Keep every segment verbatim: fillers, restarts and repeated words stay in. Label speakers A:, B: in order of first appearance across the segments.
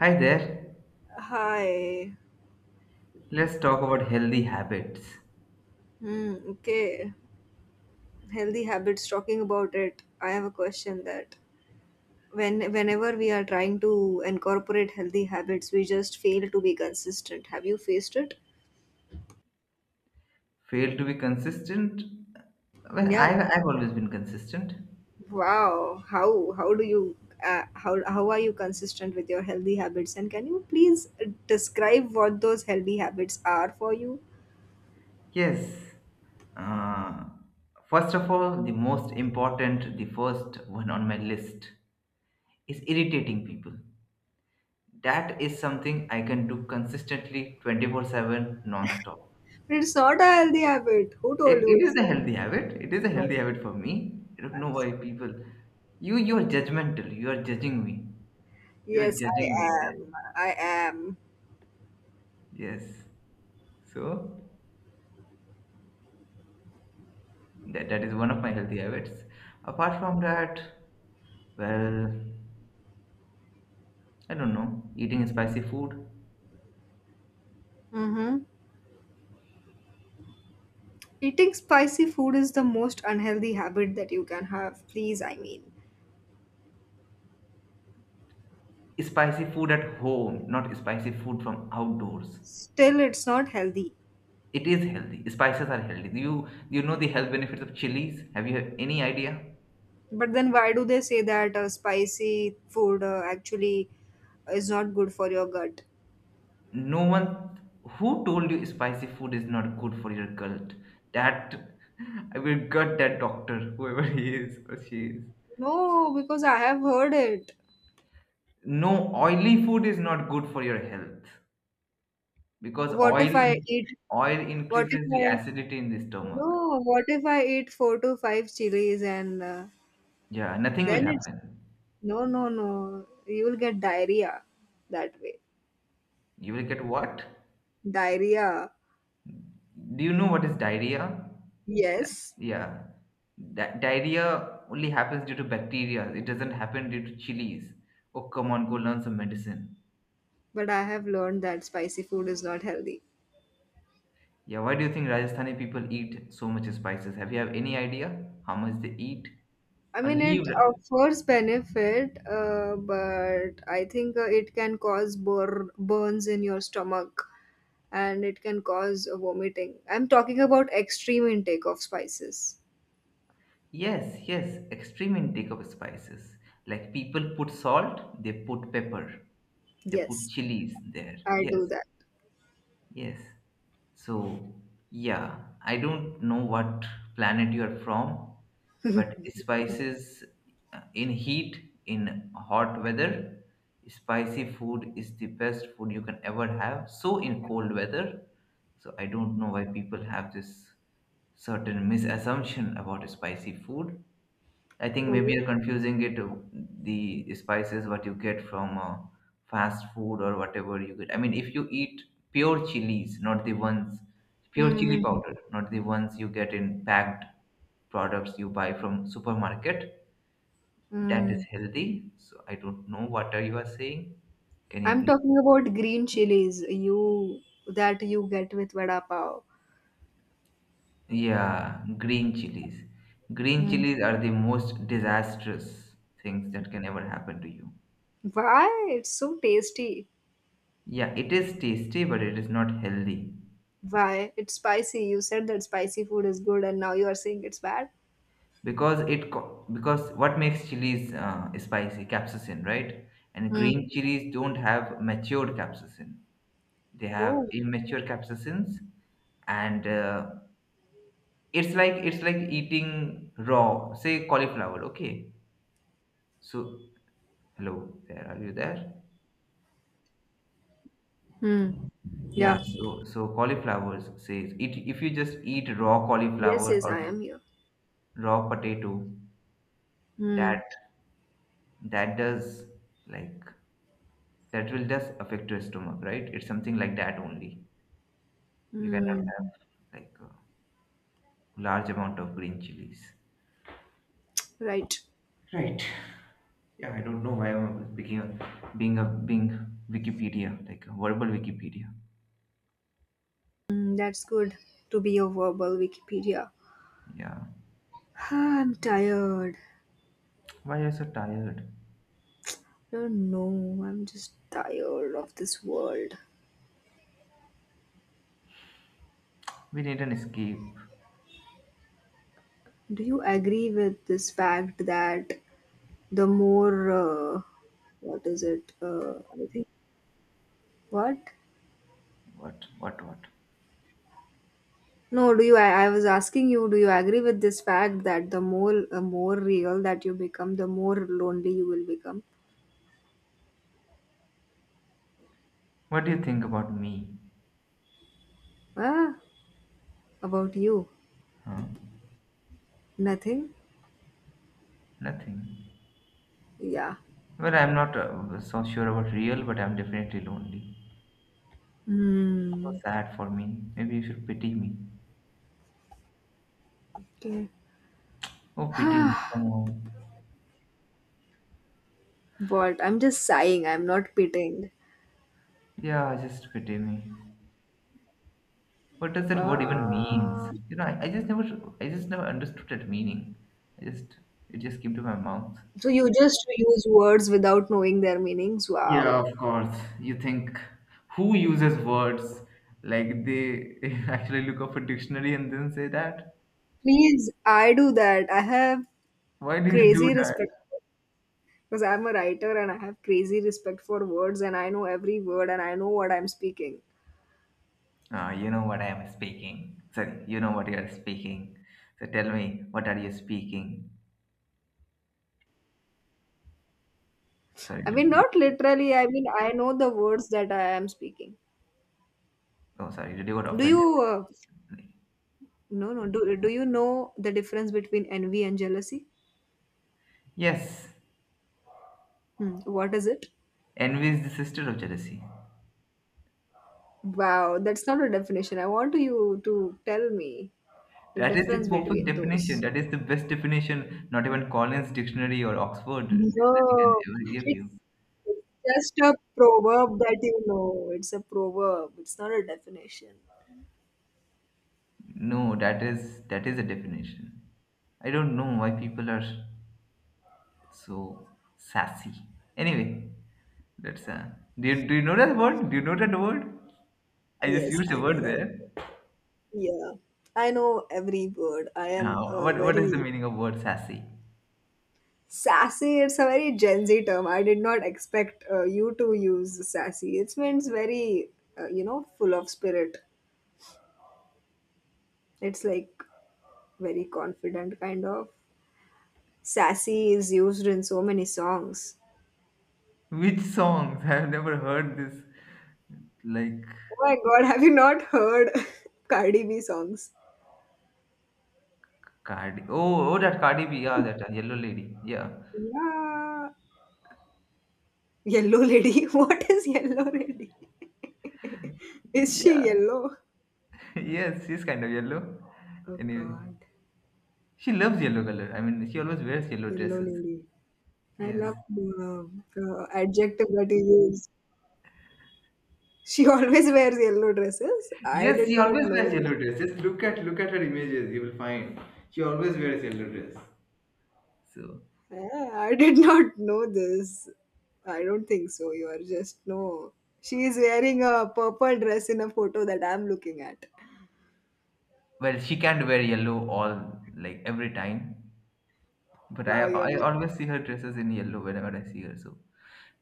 A: Hi there.
B: Hi.
A: Let's talk about healthy habits.
B: Hmm, okay. Healthy habits. Talking about it, I have a question that when whenever we are trying to incorporate healthy habits, we just fail to be consistent. Have you faced it?
A: Fail to be consistent? Well,
B: Yeah.
A: I've, I've always been consistent.
B: Wow. How how do you uh, how how are you consistent with your healthy habits? And can you please describe what those healthy habits are for you?
A: Yes. Uh, First of all, the most important, the first one on my list is irritating people. That is something I can do consistently twenty-four seven non stop.
B: But it's not a healthy habit. Who
A: It,
B: told you
A: it
B: it's
A: is a
B: not?
A: healthy habit. It is a
B: No.
A: healthy habit for me. I don't know
B: I'm
A: why
B: sorry.
A: people. You, you are judgmental. You are judging me. You are
B: Yes, I
A: judging me there.
B: am. I am.
A: Yes. So that, that is one of my healthy habits. Apart from that, well, I don't know, eating spicy food.
B: Mm-hmm. Eating spicy food is the most unhealthy habit that you can have. Please, I mean,
A: Spicy food at home, not spicy food from outdoors.
B: still, it's not healthy.
A: It is healthy. Spices are healthy. You you know the health benefits of chilies? Have you had any idea?
B: But then, why do they say that uh, spicy food uh, actually is not good for your gut?
A: No one who told you spicy food is not good for your gut. That I will gut that doctor, whoever he is or she is.
B: No, because I have heard it.
A: No oily food is not good for your health because
B: What if
A: oil
B: I
A: in,
B: eat?
A: oil
B: What if
A: increases the
B: I
A: acidity in the stomach.
B: no? What if I eat four to five chilies and uh,
A: Yeah, nothing will
B: then it's
A: happen.
B: no, no, no. You will get diarrhea that way.
A: You will get what?
B: Diarrhea.
A: Do you know what is diarrhea?
B: Yes.
A: Yeah, that diarrhea only happens due to bacteria. It doesn't happen due to chilies. Oh, come on, go learn some medicine.
B: But I have learned that spicy food is not healthy.
A: Yeah, why do you think Rajasthani people eat so much spices? Have you have any idea how much they eat?
B: I
A: A
B: mean, it
A: leave
B: offers benefit, uh, but I think uh, it can cause bur- burns in your stomach and it can cause vomiting. I'm talking about extreme intake of spices.
A: yes, yes, extreme intake of spices. Like people put salt, they put pepper, they put
B: Yes,
A: chilies there.
B: I
A: Yes,
B: do that.
A: yes. So, yeah, I don't know what planet you are from, but spices uh, in heat, in hot weather, spicy food is the best food you can ever have. So, in cold weather, so I don't know why people have this certain misassumption about spicy food. I think maybe you're confusing it, uh, the spices what you get from uh, fast food or whatever you get. I mean, if you eat pure chilies, not the ones pure chili
B: Mm-hmm.
A: powder, not the ones you get in packed products you buy from supermarket, that is
B: Mm.
A: healthy. So I don't know what are you are saying. Can you
B: I'm
A: please?
B: talking about green chilies you that you get with vada pav.
A: Yeah, green chilies. Green
B: Mm.
A: chilies are the most disastrous things that can ever happen to you.
B: Why? It's so tasty.
A: Yeah, it is tasty, but it is not healthy.
B: Why? It's spicy. You said that spicy food is good and now you are saying it's bad?
A: Because it co- because what makes chilies uh, spicy capsaicin, right? And
B: Hmm.
A: green chilies don't have matured capsaicin, they have
B: Oh.
A: immature capsaicins. And uh, it's like, it's like eating raw, say, cauliflower, okay? So hello there, are you there?
B: Hmm.
A: Yeah,
B: Yeah.
A: so so cauliflowers says it, if you just eat raw
B: Yes,
A: cauliflower
B: yes,
A: or
B: I am here.
A: raw potato,
B: Hmm.
A: that that does like that will just affect your stomach, right? It's something like that only. You cannot
B: Hmm.
A: have like a large amount of green chilies.
B: Right.
A: Right. Yeah, I don't know why I'm speaking of being a being Wikipedia, like a verbal Wikipedia.
B: Hmm. That's good to be a verbal Wikipedia.
A: Yeah.
B: I'm tired.
A: Why are you so tired?
B: I don't know. I'm just tired of this world.
A: We need an escape.
B: Do you agree with this fact that the more, uh, what is it? Uh, I think, what?
A: What what what?
B: No, do you? I, I was asking you, do you agree with this fact that the more uh, more real that you become, the more lonely you will become?
A: What do you think about me?
B: Ah, about you,
A: Huh?
B: nothing.
A: Nothing.
B: Yeah.
A: Well, I'm not uh, so sure about real, but I'm definitely lonely. So
B: Hmm.
A: sad for me. Maybe you should pity me.
B: Okay.
A: Oh, pity me. Come on.
B: What? I'm just sighing. I'm not pitting.
A: Yeah, just pity me. What does that word even means?
B: Ah.
A: You know, I, I just never, I just never understood that meaning. I just, it just came to my mouth.
B: So you just use words without knowing their meanings.
A: Yeah,
B: Wow.
A: of course. You think who uses words like they actually look up a dictionary and then say that?
B: Please, I do that. I have
A: Why do you do
B: crazy
A: that?
B: respect because I'm a writer and I have crazy respect for words and I know every word and I know what I'm speaking.
A: Ah, you know what I am speaking. Sorry, you know what you are speaking. So tell me, what are you speaking? Sorry,
B: I mean,
A: did, did-
B: not literally. I mean, I know the words that I am speaking.
A: oh, sorry, did you got
B: Do
A: offended?
B: you? Uh, no, no. Do Do you know the difference between envy and jealousy?
A: Yes,
B: Hmm. What is it?
A: envy is the sister of jealousy.
B: Wow, that's not a definition. I want you to tell me the
A: That is the
B: difference
A: perfect
B: between
A: definition.
B: those.
A: That is the best definition not even Collins Dictionary or Oxford Dictionary can
B: No,
A: ever give you.
B: it's just a proverb that you know. It's a proverb. It's not a definition.
A: No, that is that is a definition. I don't know why people are so sassy. Anyway, that's uh, do you, do you know that word? Do you know that word? I just
B: Yes,
A: used a
B: I know
A: word
B: that.
A: there.
B: Yeah, I know every word. I am
A: Now,
B: uh,
A: what what is the
B: very
A: meaning of word sassy?
B: sassy. It's a very Gen Z term. I did not expect uh, you to use sassy. It means very, uh, you know, full of spirit. It's like very confident, kind of. Sassy is used in so many songs.
A: Which songs? I have never heard this. Like
B: Oh my god, have you not heard Cardi B songs?
A: Cardi. Oh, oh, that Cardi B. Yeah, that uh, yellow lady. Yeah.
B: Yeah. Yellow Lady. What is Yellow Lady? Is she
A: Yeah.
B: yellow?
A: yes, she's kind of yellow.
B: Oh
A: Anyway,
B: god.
A: she loves yellow color. I mean, she always wears yellow
B: Yellow
A: dresses.
B: Lady. I
A: Yes,
B: love the, the adjective that you use. She always wears yellow dresses. I
A: yes,
B: did
A: she
B: not
A: always
B: know
A: wears
B: that.
A: yellow dresses. Look at look at her images. You will find she always wears yellow dress. So
B: Yeah, I did not know this. I don't think so. You are just no. She is wearing a purple dress in a photo that I'm looking at.
A: well, she can't wear yellow all like every time, but I
B: Wow,
A: I
B: you
A: always see her dresses in yellow whenever I see her. So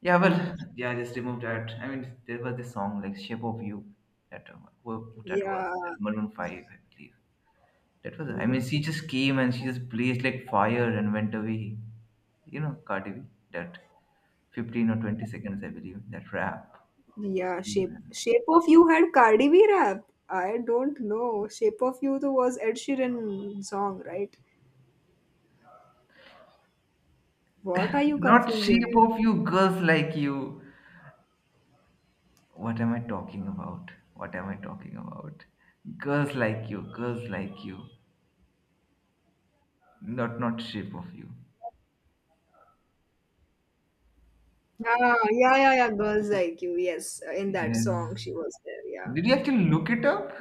A: yeah, well,
B: are. Uh,
A: yeah, just remove that. I mean, there was this song like "Shape of You" that uh, who- who that was
B: yeah,
A: that Maroon Five, I believe. That was, I mean,
B: Mm,
A: she just came and she just blazed like fire and went away. You know, Cardi B, that fifteen or twenty seconds, I believe, that rap. She just
B: yeah.
A: came
B: Shape
A: and.
B: Shape of You had Cardi B rap. I don't know. Shape of You though was Ed Sheeran song, right? What are you
A: Not shape
B: confusing?
A: of you, girls like you. What am I talking about? What am I talking about? Girls like you, girls like you. Not not shape of you.
B: Ah, yeah, yeah, yeah. Girls Like You. Yes, in that
A: Yes.
B: song she was there. Yeah.
A: Did you actually look it up?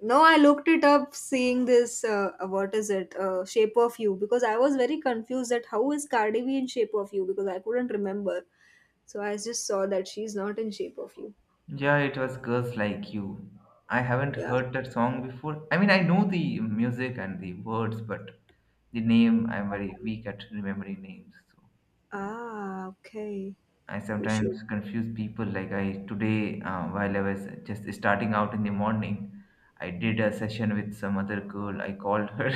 B: No, I looked it up seeing this, uh, uh, what is it, uh, Shape of You, because I was very confused that how is Cardi B in Shape of You, because I couldn't remember. So I just saw that she's not in Shape of You.
A: Yeah, it was Girls Like You. I haven't
B: Yeah.
A: heard that song before. I mean, I know the music and the words, but the name, I'm very weak at remembering names. So
B: Ah, okay.
A: I
B: You should.
A: sometimes confuse people. Like I today, uh, while I was just starting out in the morning, I did a session with some other girl. I called her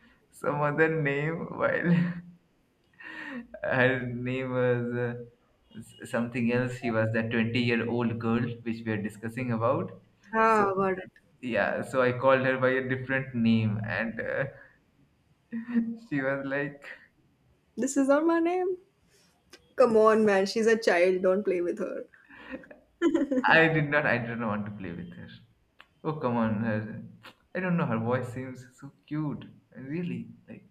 A: some other name while her name was uh, s- something else. She was that twenty year old girl which we are discussing about. So,
B: Ah, got it.
A: yeah, so I called her by a different name, and uh, she was like,
B: This is not my name. Come on, man. She's a child. Don't play with her.
A: I did not, I didn't want to play with her. Oh, come on. Her, I don't know, her voice seems so cute. Really, like,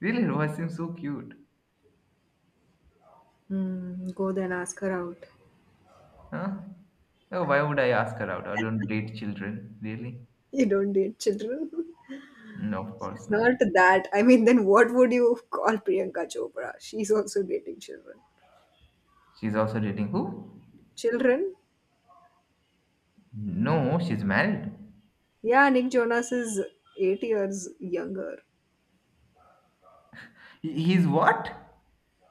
A: really, her voice seems so cute.
B: Hmm. Go then ask her out.
A: Huh? Oh, why would I ask her out? I don't date children, really.
B: You don't date children.
A: No, of course
B: She's not
A: not.
B: that. I mean, then what would you call Priyanka Chopra? She's also dating children.
A: She's also dating who?
B: Children?
A: No, she's married.
B: Yeah, Nick Jonas is eight years younger.
A: He- He's what?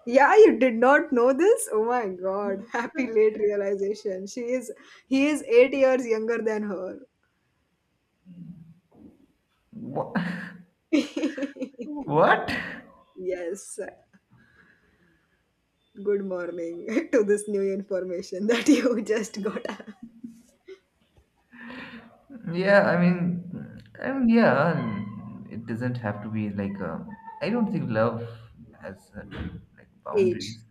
B: Yeah, you did not know this? Oh my god. Happy late realization. She is He is eight years younger than her.
A: Wha- What?
B: Yes. Good morning to this new information that you just got
A: Yeah, I mean, I mean, yeah, um, it doesn't have to be like a, I don't think love has certain like
B: age.
A: boundaries.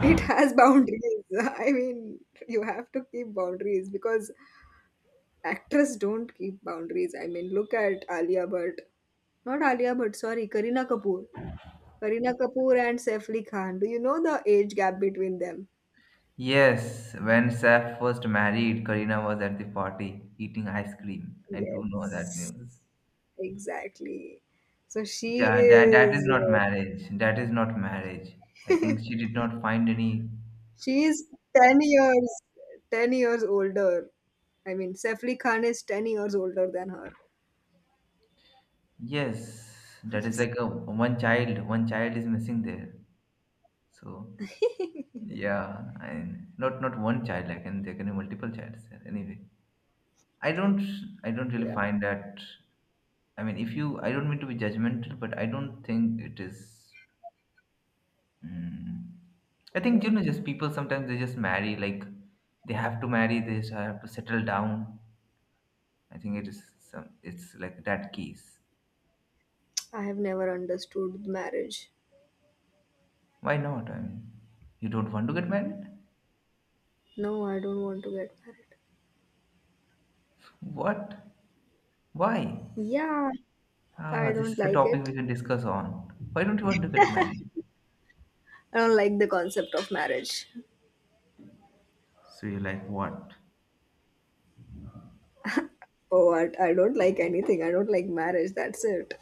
B: It has boundaries. I mean, you have to keep boundaries because actors don't keep boundaries. I mean, look at Alia Bhatt. Not Alia Bhatt, sorry, Karina Kapoor. Kareena Kapoor and Saif Ali Khan. Do you know the age gap between them?
A: Yes, when Saf first married, Karina was at the party eating ice cream. I do know that
B: Yes.
A: news.
B: Exactly. So she
A: Yeah, that that is
B: is
A: not marriage. That is not marriage. I think she did not find any.
B: she is 10 years ten years older. I mean, Saif Ali Khan is ten years older than her.
A: Yes, that is like a one child, one child is missing there. So yeah, and not not one child, like and there can be multiple childs there. Anyway, I don't I don't really
B: Yeah.
A: find that. I mean, if you, I don't mean to be judgmental, but I don't think it is. Mm, I think you know, just people sometimes they just marry like they have to marry, they just have to settle down. I think it is some, it's like that case.
B: I have never understood marriage.
A: Why not? I mean, you don't want to get married?
B: No, I don't want to get married.
A: What? Why?
B: Yeah,
A: Ah,
B: I
A: this is
B: don't
A: a
B: like
A: topic we
B: it.
A: can discuss on. Why don't you want to get married?
B: I don't like the concept of marriage.
A: So you are like what?
B: Oh, I, I don't like anything. I don't like marriage. That's it.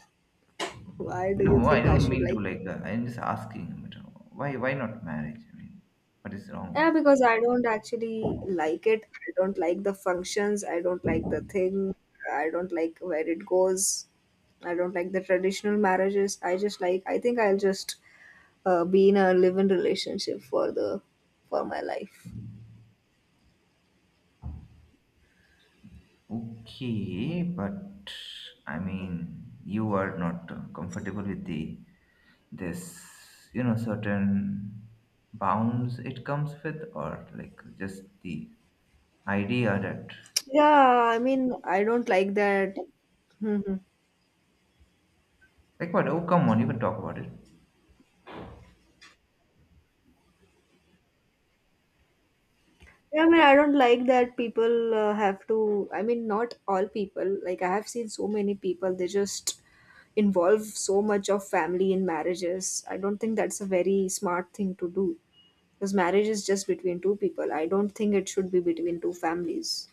B: Why do you
A: No, I
B: think I
A: don't
B: should
A: mean to
B: like?
A: like. Uh, I'm just asking. But uh, why? Why not marriage? I mean, what is wrong with
B: Yeah,
A: it?
B: because I don't actually like it. I don't like the functions. I don't like the thing. I don't like where it goes. I don't like the traditional marriages. I just like. I think I'll just uh, be in a live-in relationship for the for my life.
A: Okay, but I mean, you are not uh, comfortable with the this, you know, certain bounds it comes with, or like just the idea that
B: Yeah, I mean, I don't like that. Hmm.
A: like what? Oh, come on, you can talk about it.
B: Yeah, I mean, I don't like that people uh, have to. I mean, not all people. Like, I have seen so many people, they just involve so much of family in marriages. I don't think that's a very smart thing to do because marriage is just between two people. I don't think it should be between two families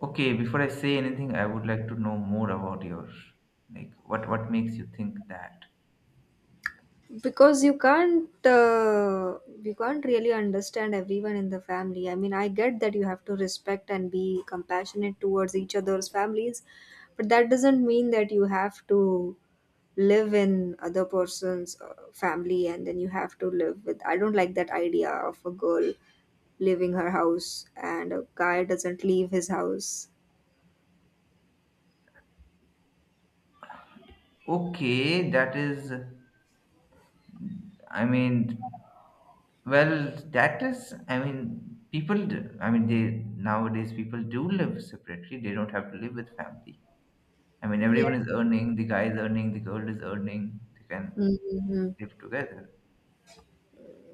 A: Okay, before I say anything, I would like to know more about your like what what makes you think that.
B: because you can't uh, you can't really understand everyone in the family. I mean, I get that you have to respect and be compassionate towards each other's families, but that doesn't mean that you have to live in other person's uh, family and then you have to live with. I don't like that idea of a girl leaving her house and a guy doesn't leave his house.
A: Okay, that is I mean, well, that is I mean, people d- I mean, they nowadays people do live separately. They don't have to live with family. I mean, everyone
B: Yeah.
A: is earning, the guy is earning, the girl is earning. They can
B: Hmm.
A: live together.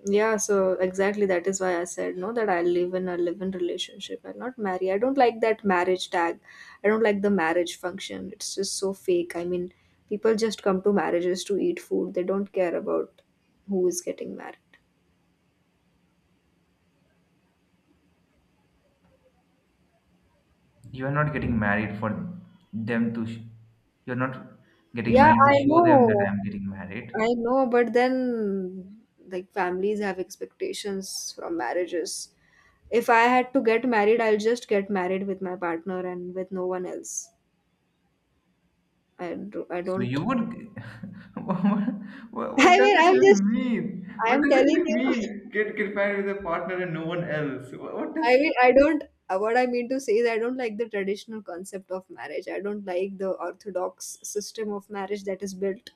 B: Yeah, so exactly that is why I said no, that I live in a live-in relationship and not marry. I don't like that marriage tag. I don't like the marriage function. It's just so fake. I mean, people just come to marriages to eat food. They don't care about who is getting married.
A: You are not getting married for them to sh- you're not getting
B: Yeah,
A: married to
B: I
A: show them that
B: know.
A: I'm getting married.
B: I know, but then like families have expectations from marriages. If I had to get married, I'll just get married with my partner and with no one else. I do, I
A: So
B: don't.
A: you would, what, what, what
B: I
A: does
B: mean,
A: it
B: I'm
A: even
B: just.
A: mean? What
B: I'm
A: does it
B: telling
A: even
B: you.
A: mean? Get get married with a partner and no one else. What, what does
B: I mean, I don't. uh, What I mean to say is, I don't like the traditional concept of marriage. I don't like the orthodox system of marriage that is built,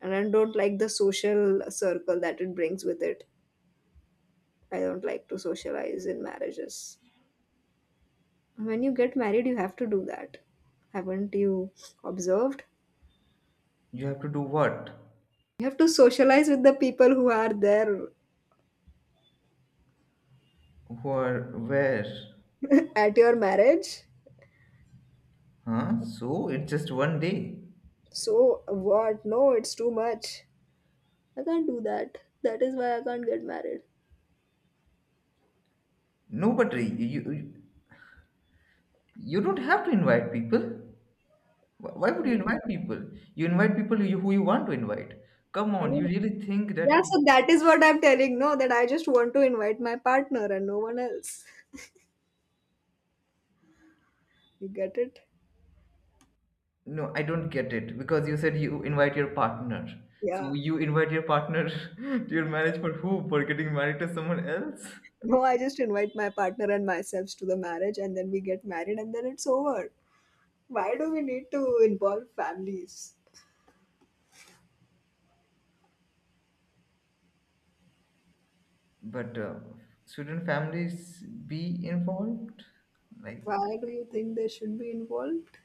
B: and I don't like the social circle that it brings with it. I don't like to socialize in marriages. When you get married, you have to do that. Haven't you observed?
A: you have to do? What?
B: You have to socialize with the people who are there
A: Where? Where?
B: at your marriage.
A: Huh? So it's just one day.
B: So, what? No, it's too much. I can't do that. That is why I can't get married.
A: No, but you you, you don't have to invite people. Wh- Why would you invite people? You invite people you, who you want to invite. Come
B: I
A: on, you
B: don't.
A: really think that
B: Yeah, so
A: people?
B: that is what I'm telling. No, that I just want to invite my partner and no one else. You get it?
A: No, I don't get it because you said you invite your partner. So
B: Yeah.
A: you invite your partner to your marriage for who? For getting married to someone else?
B: No, I just invite my partner and myself to the marriage and then we get married and then it's over. Why do we need to involve families?
A: But uh, shouldn't families be involved? Like,
B: Why do you think they should be involved?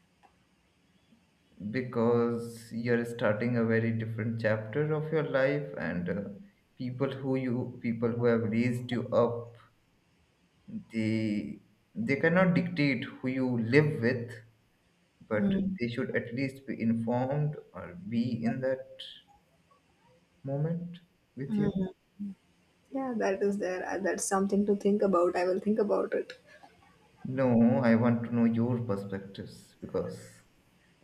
A: because you're starting a very different chapter of your life, and uh, people who you, people who have raised you up, they they cannot dictate who you live with, but they should at least be informed or be in that moment with you?
B: Yeah, that is there. Uh, That's something to think about. I will think about it.
A: No, I want to know your perspectives because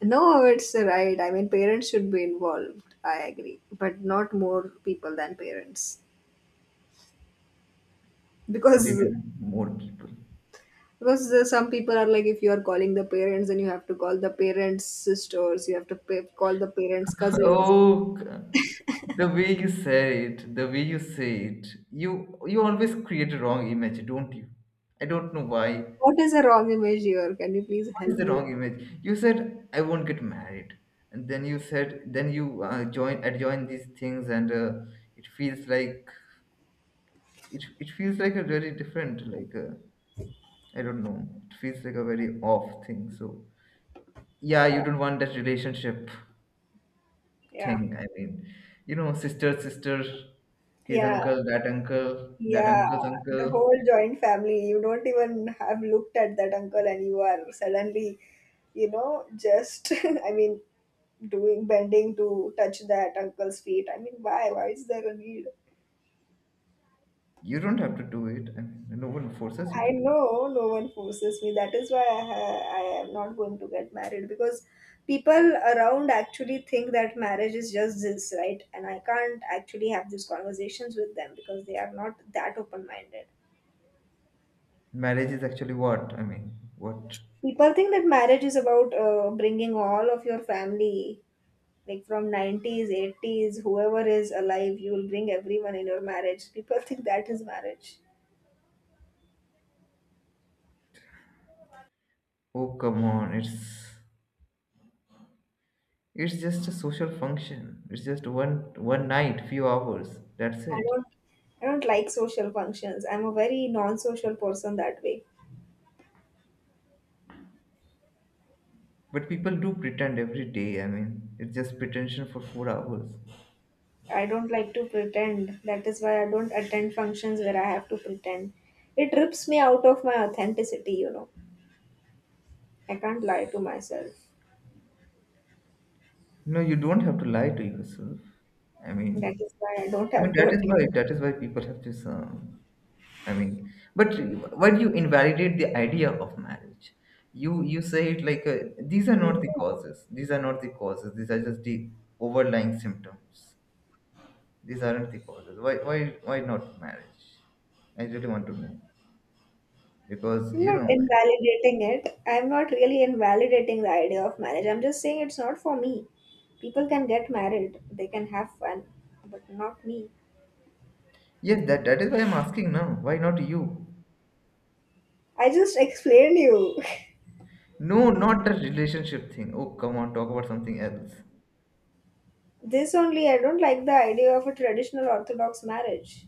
B: No, it's right. I mean, parents should be involved. I agree, but not more people than parents
A: what do you
B: because
A: mean more people?
B: because there- some people are like, if you are calling the parents, then you have to call the parents' sisters. You have to pay, call the parents' cousins.
A: Oh, c- the way you say it, the way you say it, you you always create a wrong image, don't you? I don't know why.
B: What is a wrong image here? Can you please
A: What is
B: help
A: the
B: me?
A: wrong image? You said I won't get married, and then you said then you uh, join adjoin these things, and uh, it feels like it it feels like a very different, like, uh, I don't know. It feels like a very off thing. So yeah, you don't want that relationship thing.
B: Yeah.
A: I mean, you know sister sister, his
B: Yeah.
A: uncle, that uncle, that
B: Yeah,
A: uncle's uncle.
B: the whole joint family. You don't even have looked at that uncle, and you are suddenly, you know, just, I mean, doing bending to touch that uncle's feet. I mean, why? Why is there a need?
A: You don't have to do it. I mean, no one forces you to
B: I
A: do it.
B: know no one forces me. That is why I, ha- I am not going to get married because people around actually think that marriage is just this, right? And I can't actually have these conversations with them because they are not that open minded.
A: Marriage is actually what, I mean, what?
B: People think that marriage is about uh, bringing all of your family, like from nineties eighties, whoever is alive. You will bring everyone in your marriage. People think that is marriage.
A: Oh, come on, it's it's just a social function. It's just one one night, few hours, that's
B: i
A: it.
B: don't i don't like social functions. I'm a very non-social person that way.
A: But people do pretend every day. I mean, it's just pretension for four hours.
B: I don't like to pretend. That is why I don't attend functions where I have to pretend. It rips me out of my authenticity you know I can't lie to myself.
A: No, you don't have to lie to yourself, I mean.
B: That is why I don't
A: I mean,
B: have to
A: that is why
B: attend.
A: that is why people have this. Um, I mean, but why do you invalidate the idea of marriage? You you say it like, uh, these are
B: Yeah.
A: not the causes. These are not the causes. These are just the overlying symptoms. These aren't the causes. Why why why not marriage? I really want to know, because
B: I'm
A: you
B: not
A: know.
B: invalidating it. I'm not really invalidating the idea of marriage. I'm just saying it's not for me. People can get married, they can have fun, but not me.
A: Yes, that that is why I'm asking now. Why not you?
B: I just explained you.
A: No, not the relationship thing. Oh, come on, talk about something else.
B: This only, I don't like the idea of a traditional orthodox marriage.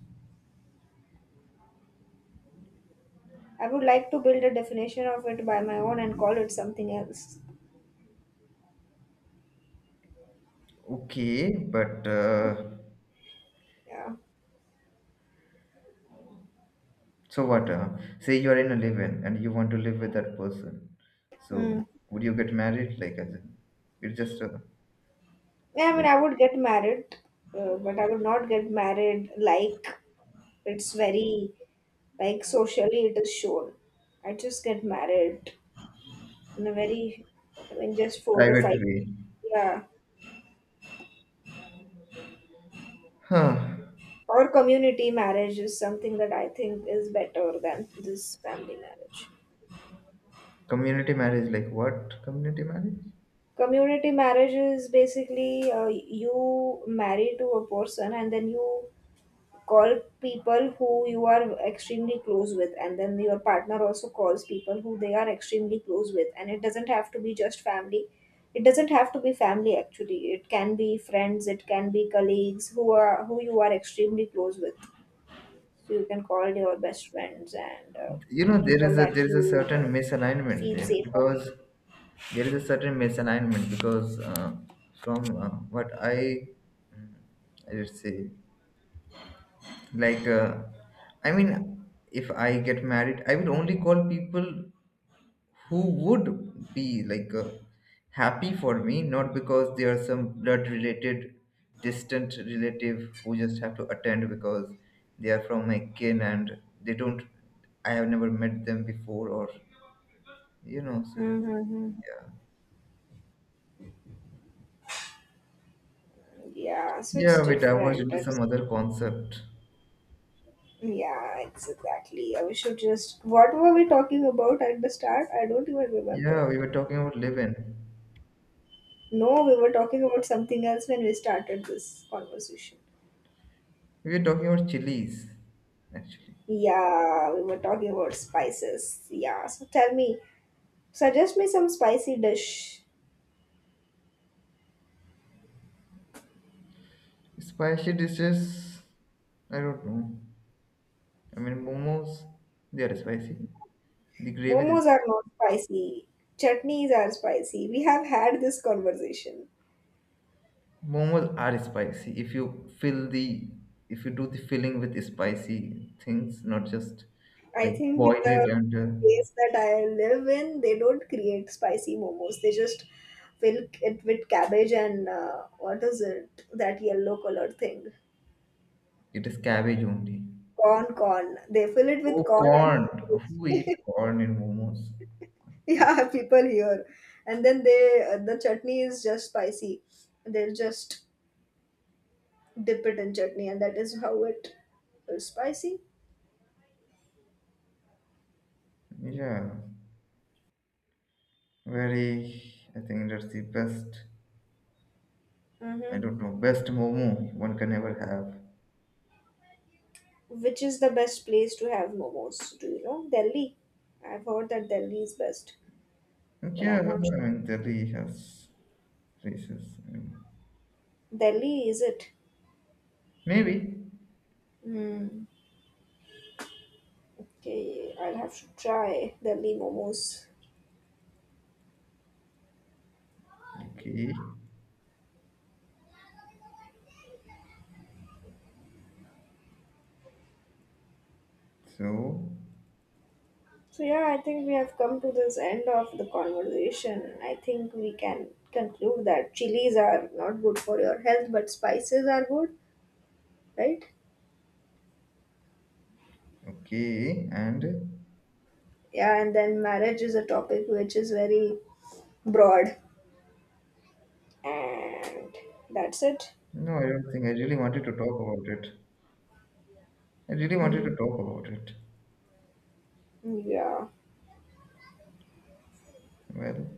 B: I would like to build a definition of it by my own and call it something else.
A: Okay, but. Uh,
B: Yeah.
A: So what? Uh, say you are in a live-in and you want to live with that person. So
B: Hmm.
A: would you get married? Like as in, it's just a,
B: Yeah, I mean,
A: like,
B: I would get married, uh, but I would not get married like. It's very, like socially it is shown. I just get married in a very, in just four to
A: private
B: five
A: way.
B: yeah.
A: Huh?
B: Or community marriage is something that I think is better than this family marriage.
A: Community marriage? Like what? Community marriage?
B: Community marriage is basically, uh, you marry to a person, and then you call people who you are extremely close with, and then your partner also calls people who they are extremely close with, and it doesn't have to be just family. It doesn't have to be family, actually. It can be friends, it can be colleagues who are, who you are extremely close with. So you can call your best friends and uh,
A: You
B: the
A: know, there
B: people
A: is a
B: that
A: there is a
B: you
A: certain
B: uh,
A: misalignment
B: feel
A: there,
B: safe.
A: because there is a certain misalignment, because uh, from uh, what I mm, I would say, like, uh, I mean, if I get married, I will only call people who would be, like, uh, happy for me, not because they are some blood related distant relative who just have to attend because they are from my kin, and they don't. I have never met them before, or you know so
B: Mm-hmm.
A: yeah.
B: Yeah, so
A: Yeah,
B: it's
A: we diverged
B: different,
A: into some
B: it's,
A: other concept.
B: yeah, it's exactly. We should just. What were we talking about at the start? I don't even
A: Yeah,
B: remember.
A: we were talking about living
B: No, we were talking about something else when we started this conversation.
A: we were talking about chilies, actually.
B: Yeah, we were talking about spices. Yeah, so tell me, suggest me some spicy dish.
A: Spicy dishes, I don't know. I mean, momos, they are spicy. The gravy is
B: Momos are
A: spicy.
B: not spicy. Chutneys are spicy. We have had this conversation.
A: Momos are spicy if you fill the if you do the filling with spicy things, not just,
B: I
A: like,
B: think with
A: boil it,
B: the
A: and uh,
B: place that I live in, they don't create spicy momos. They just fill it with cabbage and uh, what is it? That yellow color thing.
A: it is cabbage only.
B: Corn, corn. They fill it
A: Oh,
B: with corn and
A: corn. Who eats
B: cabbage.
A: corn in momos? The-
B: Yeah, people here. And then they uh, the chutney is just spicy. They just dip it in chutney, and that is how it is spicy.
A: yeah, very. I think that's the best. I
B: Mm-hmm.
A: don't know, best momo one can ever have.
B: Which is the best place to have momos? Do you know Delhi? I've heard that Delhi is best, but
A: Yeah,
B: I'm
A: I
B: not sure.
A: mean, Delhi has places. Mm,
B: Delhi is it?
A: maybe.
B: Hmm. Okay, I'll have to try Delhi momos.
A: Okay, so
B: So yeah, I think we have come to this end of the conversation. I think we can conclude that chilies are not good for your health, but spices are good, right?
A: okay, and
B: Yeah, and then marriage is a topic which is very broad, and that's it.
A: no, I don't think. I really wanted to talk about it. I really wanted to
B: Mm.
A: talk about it.
B: Yeah.
A: Well,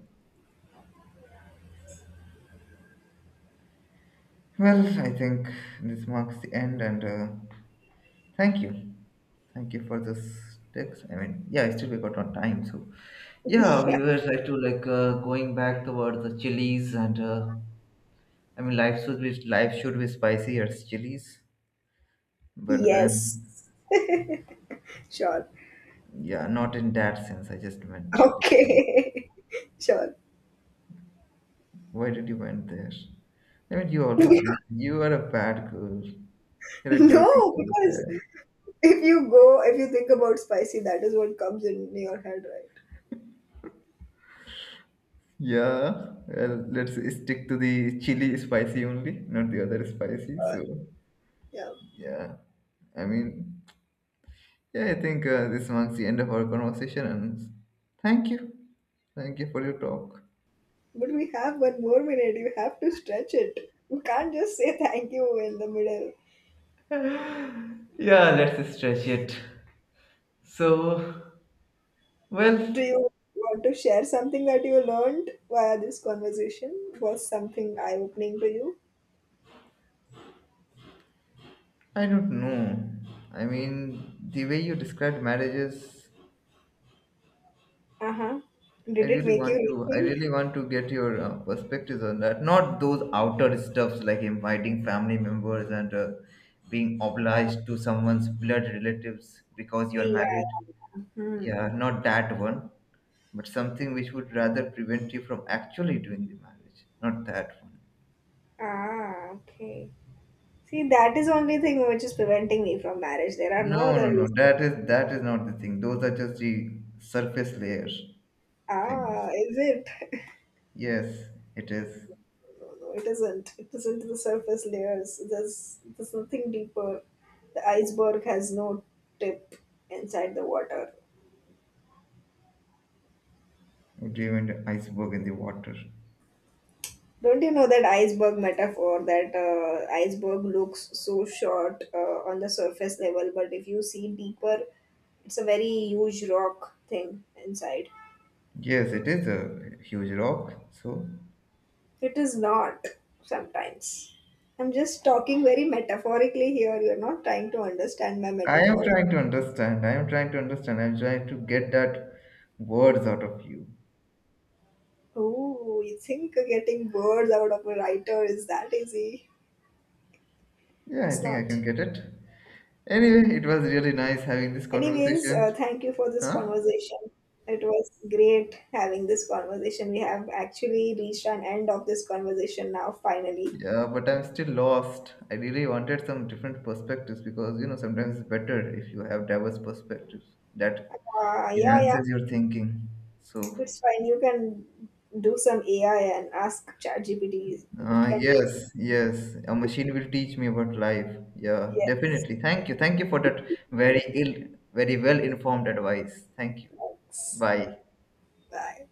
A: well, I think this marks the end, and uh, thank you, thank you for this text. I mean, yeah, I still we got on time, so yeah, we were like to like uh, going back towards the chilies, and uh, I mean, life should be life should be spicy as chilies, but then
B: Yes. Sure.
A: yeah, not in that sense. I just meant, like,
B: Okay. Sure.
A: why did you went there? I mean, you
B: No,
A: always went. You are a bad girl. You're a dirty girl
B: because
A: there.
B: if you go, if you think about spicy, that is what comes in your head, right?
A: Yeah. Well, let's stick to the chili spicy only, not the other spicy.
B: Uh,
A: So
B: yeah.
A: yeah. I mean, yeah. I think uh, this marks the end of our conversation. And thank you, thank you for your talk.
B: But we have one more minute. You have to stretch it. You can't just say thank you in the middle.
A: Yeah, let's stretch it. So, well,
B: Do you want to share something that you learned via this conversation? Was something eye-opening to you?
A: I don't know. I mean, the way you described marriages,
B: Uh huh.
A: I
B: Did it
A: really
B: make you
A: want to. I
B: rethink?
A: really want to get your uh, perspectives on that. Not those outer stuffs like inviting family members and uh, being obliged to someone's blood relatives because
B: Yeah,
A: you're
B: yeah,
A: married.
B: yeah. Hmm.
A: Yeah, not that one, but something which would rather prevent you from actually doing the marriage. Not that one.
B: Ah, okay. See, that is only thing which is preventing me from marriage. There are no
A: No,
B: other
A: no, no.
B: reasons.
A: That is that is not the thing. Those are just the surface layer things.
B: Ah, is it?
A: Yes, it is.
B: No, no, it isn't. It isn't the surface layers. There's there's nothing deeper. The iceberg has no tip inside the water.
A: Diamond iceberg in the water.
B: Don't you know that iceberg metaphor, that uh, iceberg looks so short uh, on the surface level, but if you see deeper, it's a very huge rock thing inside.
A: Yes, it is a huge rock. So
B: It is not sometimes. I'm just talking very metaphorically here. You're not trying to understand my
A: I am
B: metaphor.
A: trying to understand. I am trying to understand. I'm trying to get that words out of you.
B: Oh, you think getting words out of a writer is that easy?
A: Yeah, I
B: It's
A: think I can
B: not.
A: get it. Anyway, it was really nice having this
B: Anyways, uh,
A: conversation.
B: thank you for this
A: Huh?
B: conversation. It was great having this conversation. We have actually reached an end of this conversation now, finally.
A: Yeah, but I'm still lost. I really wanted some different perspectives, because you know sometimes it's better if you have diverse perspectives that
B: Uh, yeah, yeah,
A: enhances your thinking. So,
B: it's fine. You can do some A I and ask ChatGPT. It
A: Uh,
B: can be.
A: yes, yes. A machine will teach me about life. Yeah,
B: Yes.
A: definitely. Thank you. Thank you for that very ill, very well informed advice. Thank you.
B: Thanks.
A: Bye.
B: Bye.